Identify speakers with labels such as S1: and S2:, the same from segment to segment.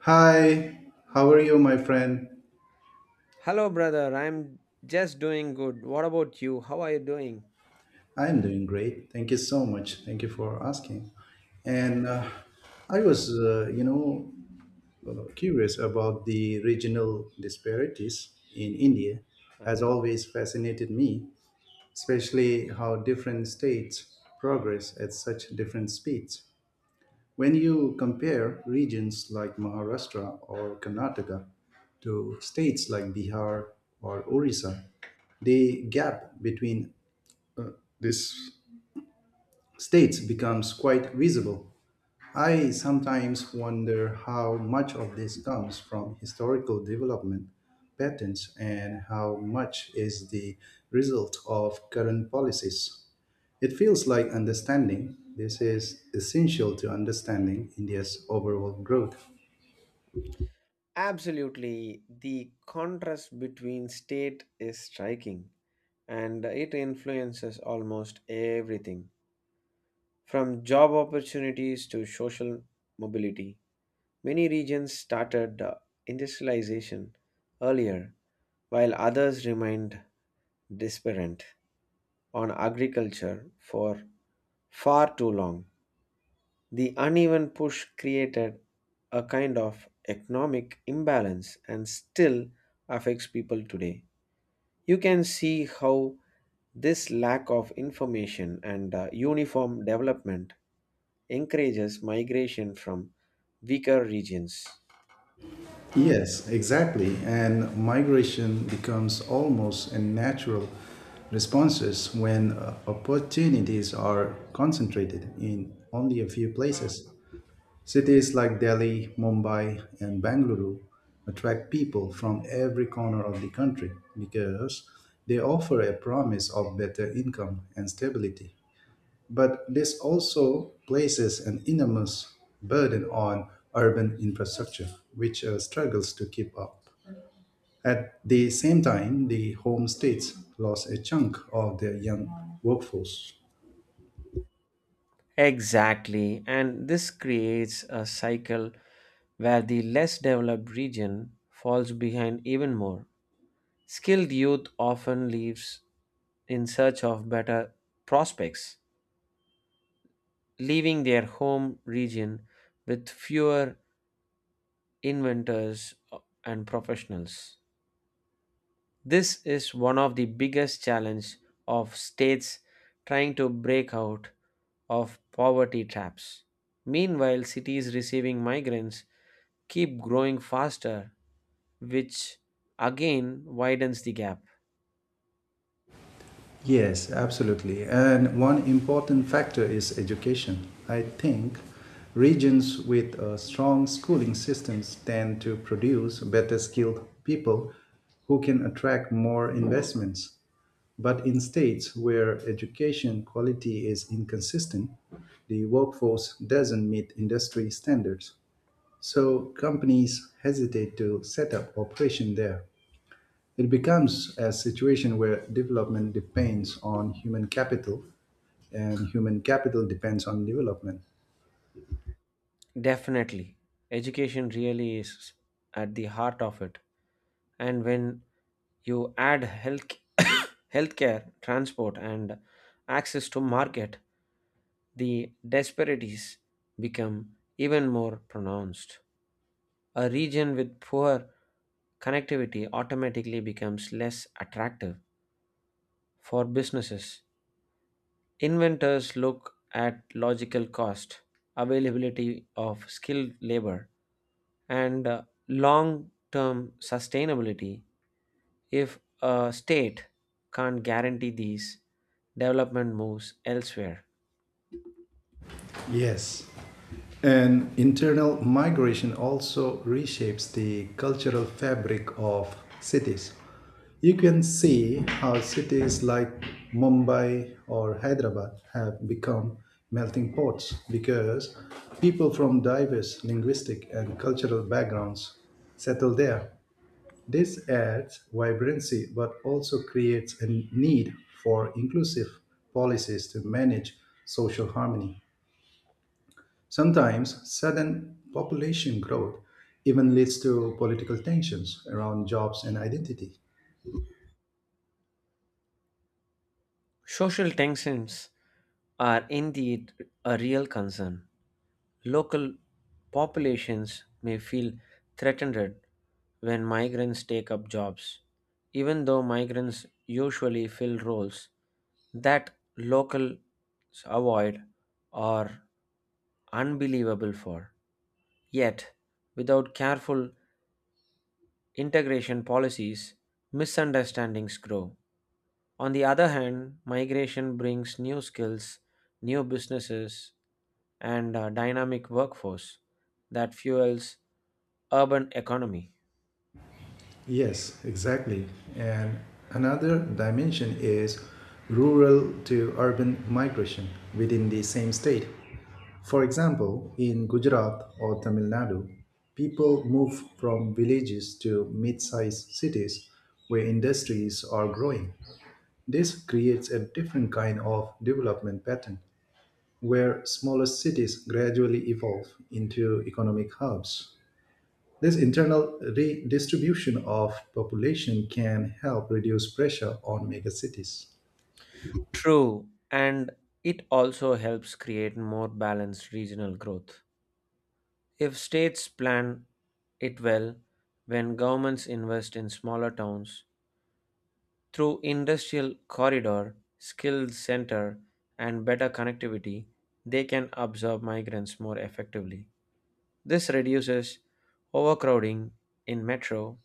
S1: Hi, how are you, my friend?
S2: Hello, brother. I'm just doing good. What about you? How are you doing?
S1: I'm doing great. Thank you so much. Thank you for asking. And I was, you know, Curious about the regional disparities in India. Has
S2: Uh-huh.
S1: always fascinated me, especially how different states progress at such different speeds. When you compare regions like Maharashtra or Karnataka to states like Bihar or Orissa, the gap between this state becomes quite visible. I sometimes wonder how much of this comes from historical development patterns and how much is the result of current policies. It feels like understanding this is essential to understanding India's overall growth.
S2: Absolutely. The contrast between state is striking, and it influences almost everything from job opportunities to social mobility. Many regions started industrialization earlier, while others remained disparate on agriculture for far too long. The uneven push created a kind of economic imbalance and still affects people today. You can see how this lack of information and uniform development encourages migration from weaker regions.
S1: Yes, exactly. And migration becomes almost a natural responses when opportunities are concentrated in only a few places. Cities like Delhi, Mumbai, and Bangalore attract people from every corner of the country because they offer a promise of better income and stability. But this also places an enormous burden on urban infrastructure, which struggles to keep up. At the same time, the home states lost a chunk of their young workforce.
S2: Exactly, and this creates a cycle where the less developed region falls behind even more. Skilled youth often leaves in search of better prospects, leaving their home region with fewer inventors and professionals. This is one of the biggest challenge of states trying to break out of poverty traps. Meanwhile, cities receiving migrants keep growing faster, which again widens the gap.
S1: Yes, absolutely. And one important factor is education. I think regions with strong schooling systems tend to produce better skilled people who can attract more investments. But in states where education quality is inconsistent, the workforce doesn't meet industry standards, so companies hesitate to set up operation there. It becomes a situation where development depends on human capital and human capital depends on development.
S2: Definitely. Education really is at the heart of it. And when you add health healthcare, transport and access to market, the disparities become even more pronounced. A region with poor connectivity automatically becomes less attractive for businesses. Inventors look at logical cost, availability of skilled labor, and long term sustainability. If a state can't guarantee these, development moves elsewhere.
S1: Yes. And internal migration also reshapes the cultural fabric of cities. You can see how cities like Mumbai or Hyderabad have become melting pots because people from diverse linguistic and cultural backgrounds settle there. This adds vibrancy but also creates a need for inclusive policies to manage social harmony. Sometimes sudden population growth even leads to political tensions around jobs and identity.
S2: Social tensions are indeed a real concern. Local populations may feel threatened when migrants take up jobs, even though migrants usually fill roles that locals avoid or unbelievable for. Yet, without careful integration policies, misunderstandings grow. On the other hand, migration brings new skills, new businesses, and a dynamic workforce that fuels urban economy.
S1: Yes, exactly. And another dimension is rural to urban migration within the same state. For example, in Gujarat or Tamil Nadu, people move from villages to mid sized cities where industries are growing. This creates a different kind of development pattern, where smaller cities gradually evolve into economic hubs. This internal redistribution of population can help reduce pressure on megacities.
S2: True, and it also helps create more balanced regional growth. If states plan it well, when governments invest in smaller towns through industrial corridor, skills center, and better connectivity, they can absorb migrants more effectively. This reduces overcrowding in metro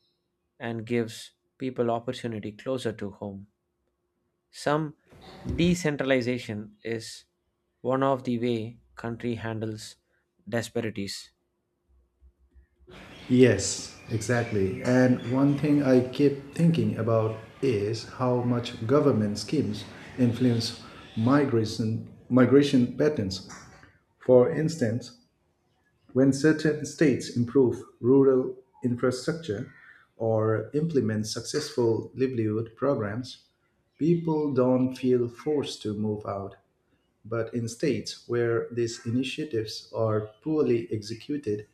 S2: and gives people opportunity closer to home. Some decentralization is one of the way country handles disparities.
S1: Yes, exactly. And one thing I keep thinking about is how much government schemes influence migration patterns. For instance, when certain states improve rural infrastructure or implement successful livelihood programs, people don't feel forced to move out. But in states where these initiatives are poorly executed,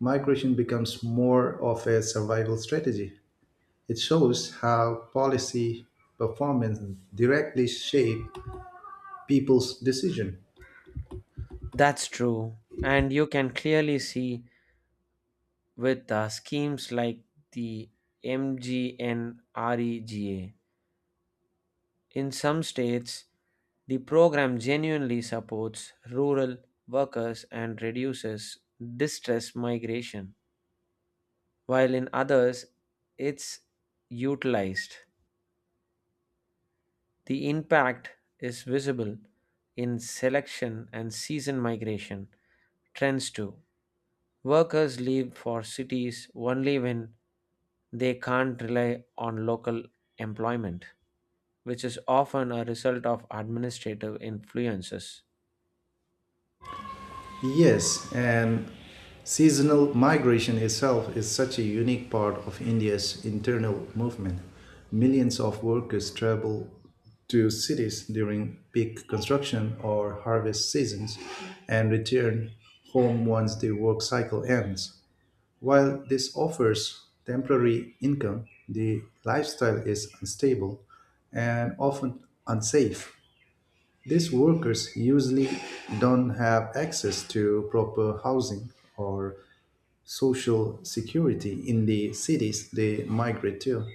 S1: migration becomes more of a survival strategy. It shows how policy performance directly shape people's decision.
S2: That's true. And you can clearly see with schemes like the MGNREGA. In some states, the program genuinely supports rural workers and reduces distress migration, while in others, it's utilized. The impact is visible in selection and season migration trends too. Workers leave for cities only when they can't rely on local employment, which is often a result of administrative influences.
S1: Yes, and seasonal migration itself is such a unique part of India's internal movement. Millions of workers travel to cities during peak construction or harvest seasons and return home once the work cycle ends. While this offers temporary income, the lifestyle is unstable and often unsafe. These workers usually don't have access to proper housing or social security in the cities they migrate to.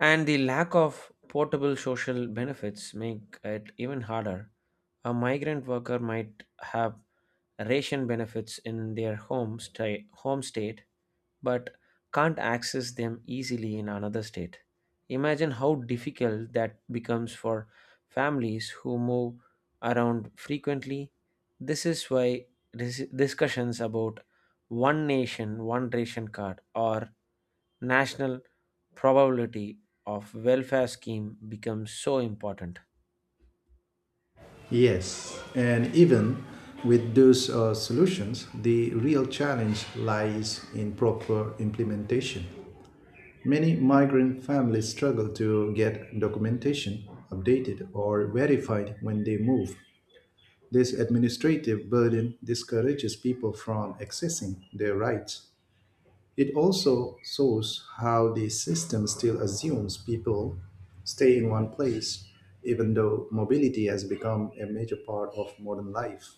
S2: And the lack of portable social benefits make it even harder. A migrant worker might have ration benefits in their home state, but can't access them easily in another state. Imagine how difficult that becomes for families who move around frequently. This is why discussions about one nation, one ration card, or national probability of welfare scheme becomes so important.
S1: Yes, and even with those solutions, the real challenge lies in proper implementation. Many migrant families struggle to get documentation updated or verified when they move. This administrative burden discourages people from accessing their rights. It also shows how the system still assumes people stay in one place, even though mobility has become a major part of modern life.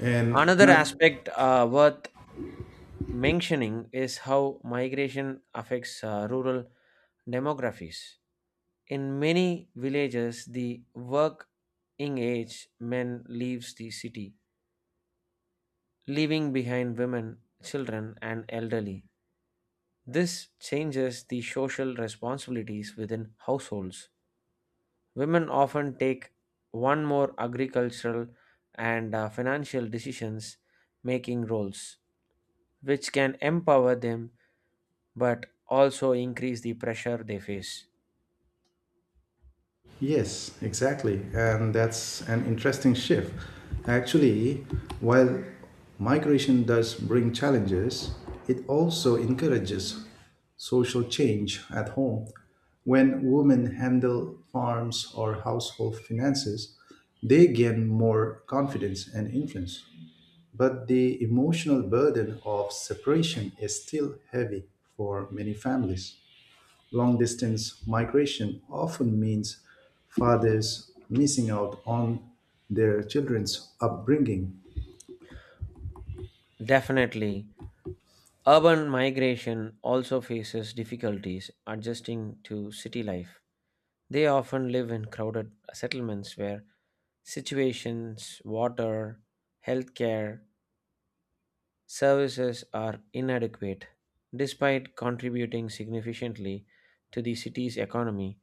S1: And
S2: Another
S1: another,
S2: aspect worth mentioning is how migration affects rural demographies. In many villages, the working age men leaves the city, leaving behind women, children, and elderly. This changes the social responsibilities within households. Women often take one more agricultural and financial decisions making roles, which can empower them but also increase the pressure they face.
S1: Yes, exactly. And that's an interesting shift. Actually, while migration does bring challenges, it also encourages social change at home. When women handle farms or household finances, they gain more confidence and influence. But the emotional burden of separation is still heavy for many families. Long distance migration often means fathers missing out on their children's upbringing.
S2: Definitely, urban migration also faces difficulties adjusting to city life. They often live in crowded settlements where situations, water, healthcare, services are inadequate. Despite contributing significantly to the city's economy,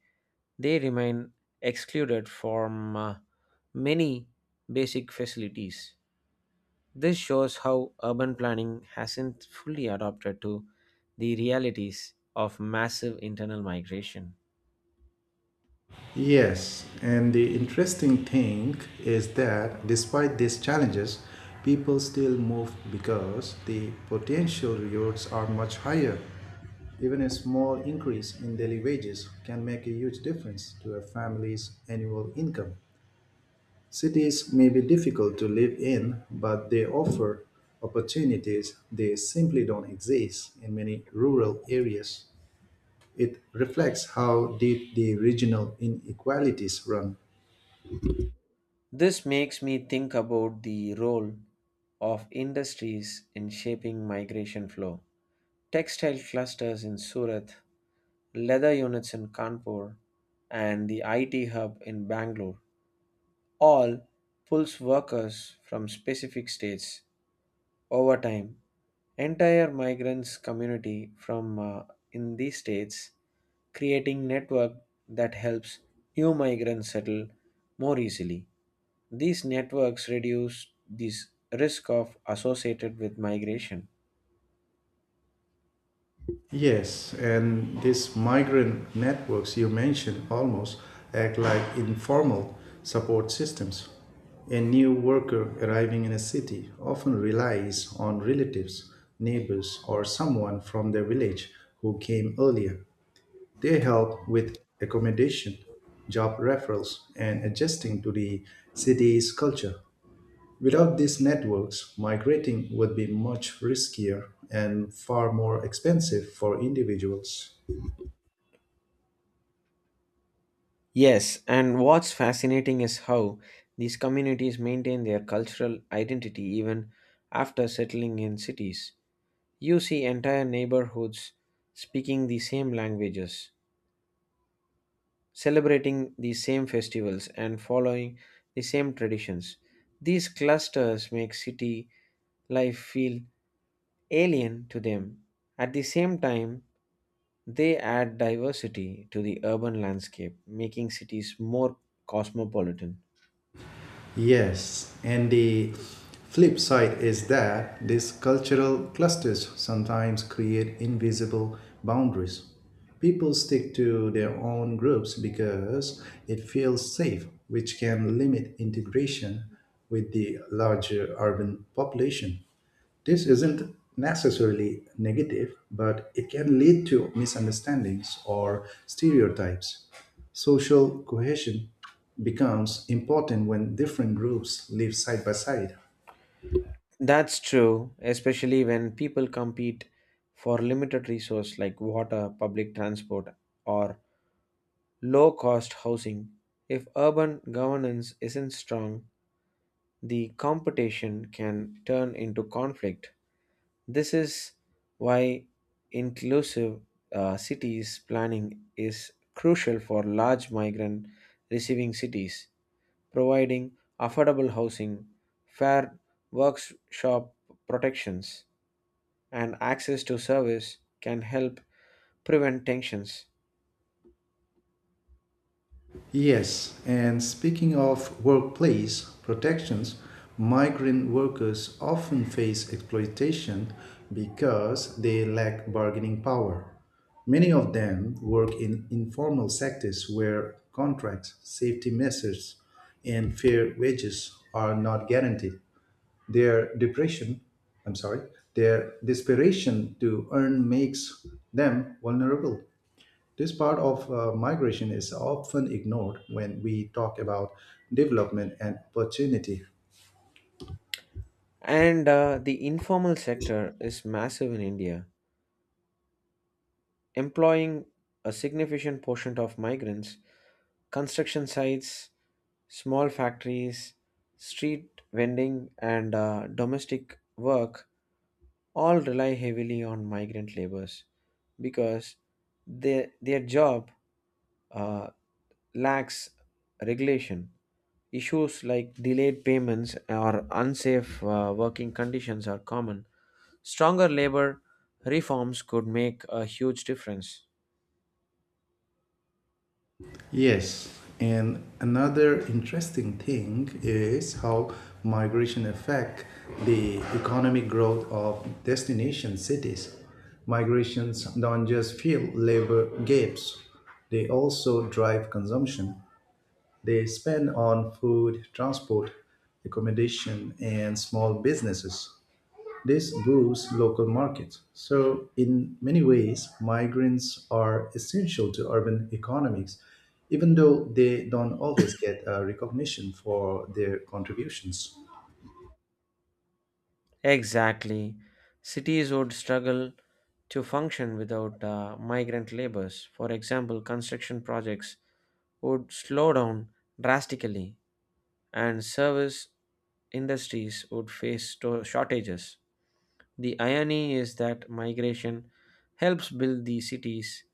S2: they remain excluded from many basic facilities. This shows how urban planning hasn't fully adapted to the realities of massive internal migration.
S1: Yes, and the interesting thing is that despite these challenges, people still move because the potential rewards are much higher. Even a small increase in daily wages can make a huge difference to a family's annual income. Cities may be difficult to live in, but they offer opportunities they simply don't exist in many rural areas. It reflects how deep the regional inequalities run.
S2: This makes me think about the role of industries in shaping migration flow. Textile clusters in Surat, leather units in Kanpur, and the IT hub in Bangalore all pulls workers from specific states. Over time, entire migrants community from in these states creating network that helps new migrants settle more easily. These networks reduce this risk of associated with migration.
S1: Yes, and these migrant networks you mentioned almost act like informal support systems. A new worker arriving in a city often relies on relatives, neighbors, or someone from their village who came earlier. They help with accommodation, job referrals, and adjusting to the city's culture. Without these networks, migrating would be much riskier and far more expensive for individuals.
S2: Yes, and what's fascinating is how these communities maintain their cultural identity even after settling in cities. You see entire neighborhoods speaking the same languages, celebrating the same festivals, and following the same traditions. These clusters make city life feel alien to them. At the same time, they add diversity to the urban landscape, making cities more cosmopolitan.
S1: Yes, and the flip side is that these cultural clusters sometimes create invisible boundaries. People stick to their own groups because it feels safe, which can limit integration with the larger urban population. This isn't necessarily negative, but it can lead to misunderstandings or stereotypes. Social cohesion becomes important when different groups live side by side.
S2: That's true, especially when people compete for limited resource like water, public transport, or low-cost housing. If urban governance isn't strong, the competition can turn into conflict. This is why inclusive cities planning is crucial for large migrant receiving cities, providing affordable housing, fair workshop protections, and access to service can help prevent tensions.
S1: Yes, and speaking of workplace protections, migrant workers often face exploitation because they lack bargaining power. Many of them work in informal sectors where contracts, safety measures, and fair wages are not guaranteed. Their depression, I'm sorry, their desperation to earn makes them vulnerable. This part of migration is often ignored when we talk about development and opportunity.
S2: And the informal sector is massive in India, employing a significant portion of migrants. Construction sites, small factories, street vending, and domestic work all rely heavily on migrant laborers because their job uh, lacks regulation. Issues like delayed payments or unsafe working conditions are common. Stronger labor reforms could make a huge difference.
S1: Yes, and another interesting thing is how migration affect the economic growth of destination cities. Migrations don't just fill labor gaps, they also drive consumption. They spend on food, transport, accommodation, and small businesses. This boosts local markets. So, in many ways, migrants are essential to urban economics, even though they don't always get recognition for their contributions.
S2: Exactly. Cities would struggle to function without migrant labors. For example, construction projects would slow down drastically, and service industries would face shortages. The irony is that migration helps build the cities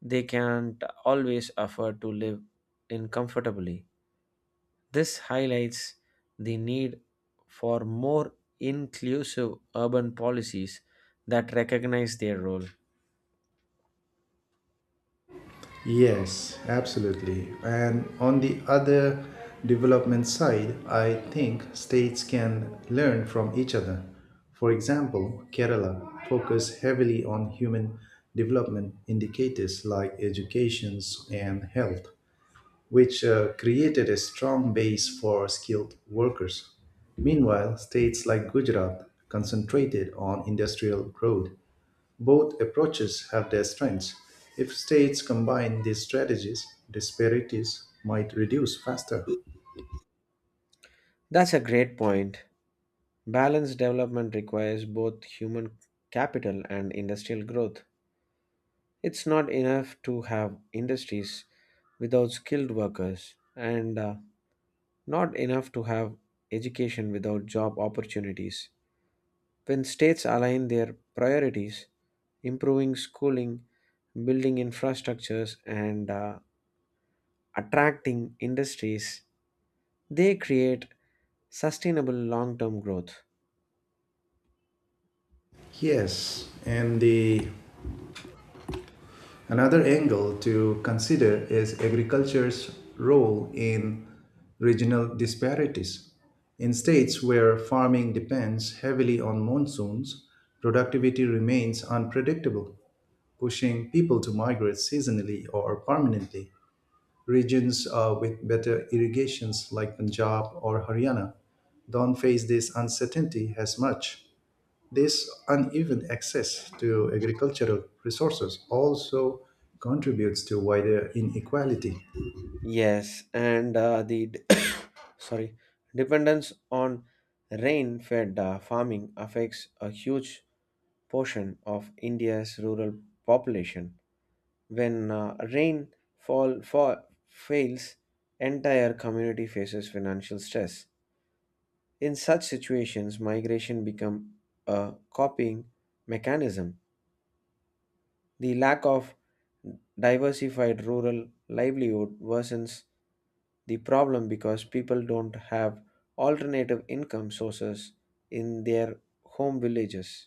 S2: they can't always afford to live in comfortably. This highlights the need for more inclusive urban policies that recognize their role.
S1: Yes, absolutely. And on the other development side, I think states can learn from each other. For example, Kerala focus heavily on human development indicators like education and health, which created a strong base for skilled workers. Meanwhile, states like Gujarat concentrated on industrial growth. Both approaches have their strengths. If states combine these strategies, disparities might reduce faster.
S2: That's a great point. Balanced development requires both human capital and industrial growth. It's not enough to have industries without skilled workers, and not enough to have education without job opportunities. When states align their priorities, improving schooling, building infrastructures, and attracting industries, they create sustainable long term growth.
S1: Yes, and the Another angle to consider is agriculture's role in regional disparities. In states where farming depends heavily on monsoons, productivity remains unpredictable, pushing people to migrate seasonally or permanently. Regions with better irrigations like Punjab or Haryana don't face this uncertainty as much. This uneven access to agricultural resources also contributes to wider inequality.
S2: Yes, and sorry, dependence on rain fed farming affects a huge portion of India's rural population. When rainfall fall fails, entire community faces financial stress. In such situations, migration become a copying mechanism. The lack of diversified rural livelihood worsens the problem because people don't have alternative income sources in their home villages.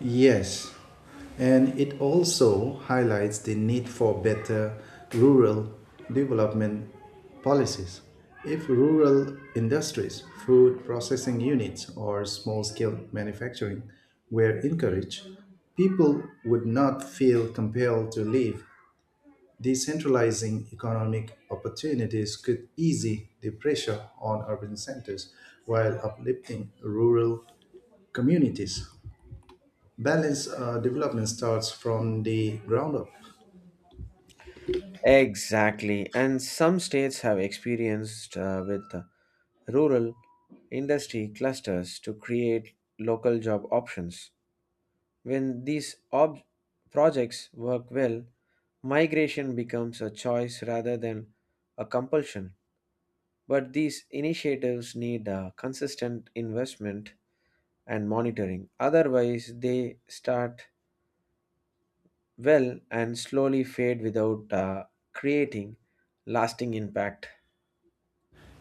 S1: Yes, and it also highlights the need for better rural development policies. If rural industries, food processing units, or small scale manufacturing were encouraged, people would not feel compelled to leave. Decentralizing economic opportunities could ease the pressure on urban centers while uplifting rural communities. Balanced development starts from the ground up.
S2: Exactly, and some states have experienced with rural industry clusters to create local job options. When these projects work well, migration becomes a choice rather than a compulsion. But these initiatives need a consistent investment and monitoring. Otherwise, they start well and slowly fade without creating lasting impact.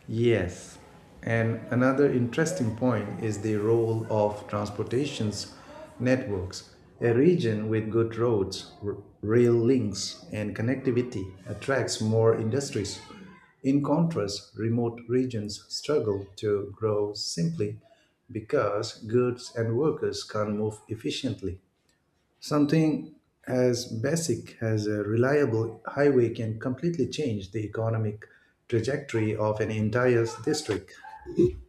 S1: Yes. And another interesting point is the role of transportations networks. A region with good roads, rail links, and connectivity attracts more industries. In contrast, remote regions struggle to grow simply because goods and workers can't move efficiently. Something as basic as a reliable highway can completely change the economic trajectory of an entire district.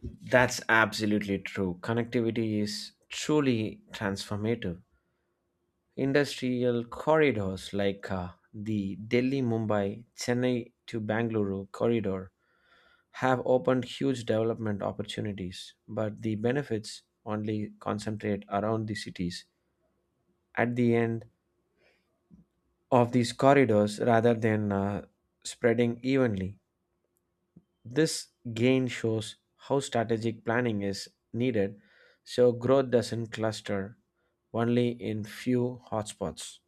S2: That's absolutely true. Connectivity is truly transformative. Industrial corridors like the Delhi Mumbai Chennai to Bangalore corridor have opened huge development opportunities, but the benefits only concentrate around the cities at the end of these corridors rather than spreading evenly. This gain shows how strategic planning is needed so growth doesn't cluster only in few hotspots.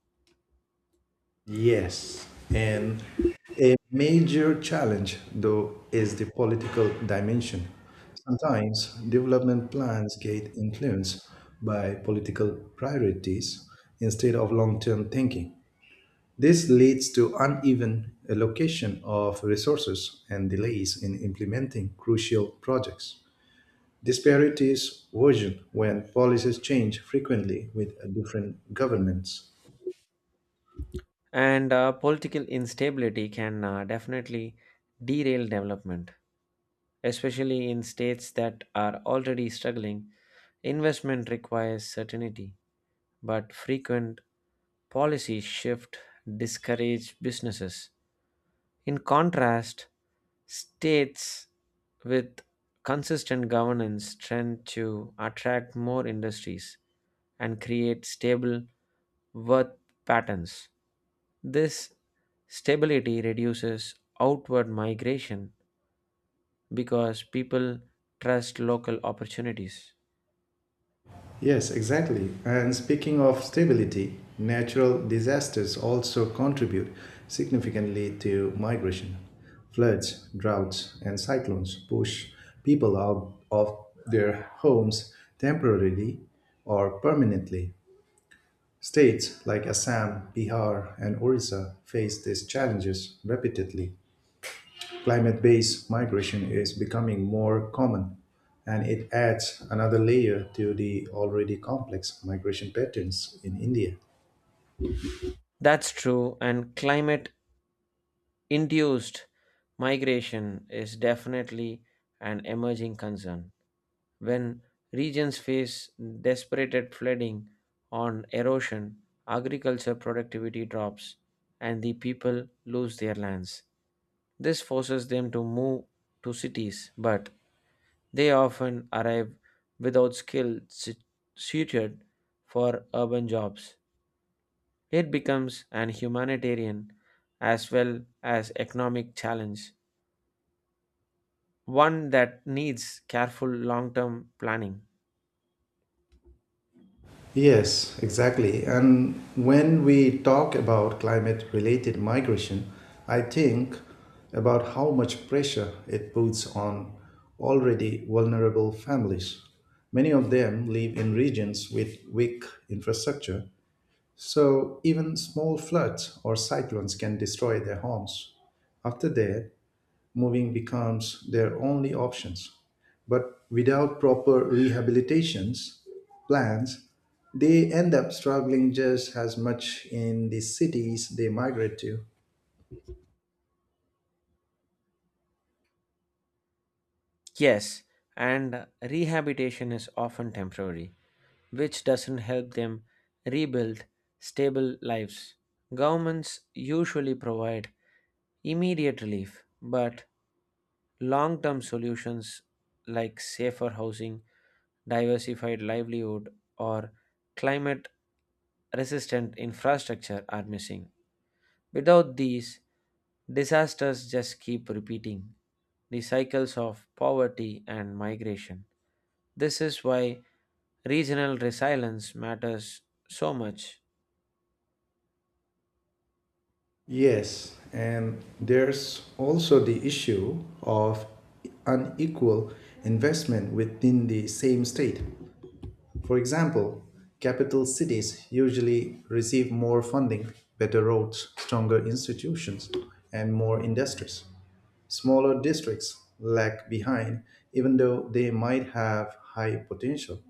S1: Yes, and a major challenge, though, is the political dimension. Sometimes development plans get influenced by political priorities instead of long term thinking. This leads to uneven allocation of resources and delays in implementing crucial projects. Disparities worsen when policies change frequently with different governments.
S2: And political instability can definitely derail development, especially in states that are already struggling. Investment requires certainty, but frequent policy shift discourage businesses. In contrast, states with consistent governance tend to attract more industries and create stable worth patterns. This stability reduces outward migration because people trust local opportunities.
S1: Yes, exactly. And speaking of stability, natural disasters also contribute significantly to migration. Floods, droughts, and cyclones push people out of their homes temporarily or permanently. States like Assam, Bihar, and Orissa face these challenges repeatedly. Climate based migration is becoming more common, and it adds another layer to the already complex migration patterns in India.
S2: That's true, and climate induced migration is definitely an emerging concern. When regions face desperate flooding on erosion, agriculture productivity drops, and the people lose their lands. This forces them to move to cities, but they often arrive without suited for urban jobs. It becomes an humanitarian as well as economic challenge, one that needs careful long term planning.
S1: Yes, exactly. And when we talk about climate related migration, I think about how much pressure it puts on already vulnerable families. Many of them live in regions with weak infrastructure, so even small floods or cyclones can destroy their homes. After that, moving becomes their only options. But without proper rehabilitations plans, they end up struggling just as much in the cities they migrate to.
S2: Yes, and rehabilitation is often temporary, which doesn't help them rebuild stable lives. Governments usually provide immediate relief, but long term solutions like safer housing, diversified livelihood, or climate resistant infrastructure are missing. Without these, disasters just keep repeating the cycles of poverty and migration. This is why regional resilience matters so much.
S1: Yes, and there's also the issue of unequal investment within the same state. For example, capital cities usually receive more funding, better roads, stronger institutions, and more industries. Smaller districts lag behind, even though they might have high potential.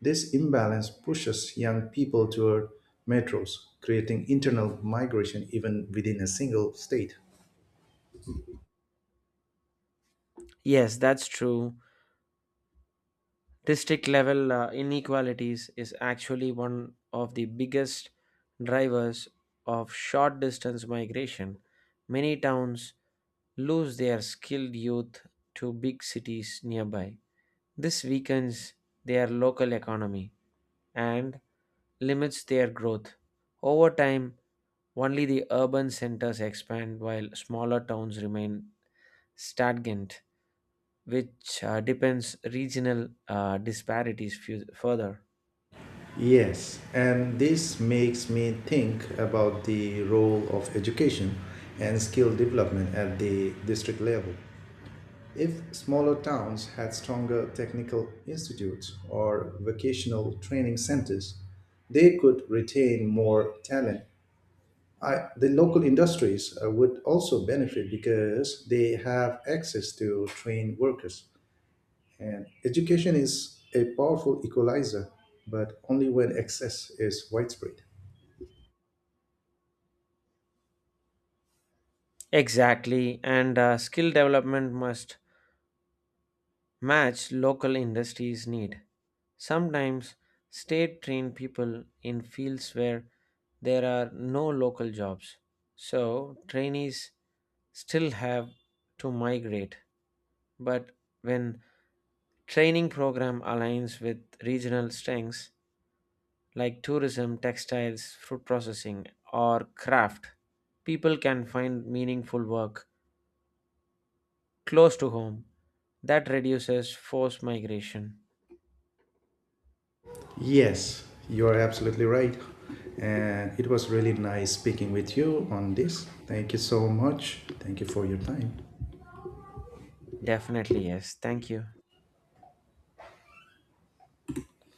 S1: This imbalance pushes young people toward metros, creating internal migration even within a single state.
S2: Yes, that's true. District level inequalities is actually one of the biggest drivers of short distance migration. Many towns lose their skilled youth to big cities nearby. This weakens their local economy and limits their growth. Over time, only the urban centers expand while smaller towns remain stagnant, which depends regional disparities further.
S1: Yes, and this makes me think about the role of education and skill development at the district level. If smaller towns had stronger technical institutes or vocational training centers, they could retain more talent. I, the local industries would also benefit because they have access to trained workers. And education is a powerful equalizer, but only when access is widespread.
S2: Exactly, and skill development must match local industries' need. Sometimes state train people in fields where there are no local jobs. So trainees still have to migrate. But when training program aligns with regional strengths, like tourism, textiles, fruit processing, or craft, people can find meaningful work close to home. That reduces forced migration.
S1: Yes, you are absolutely right. And it was really nice speaking with you on this. Thank you so much. Thank you for your time.
S2: Definitely, yes. Thank you.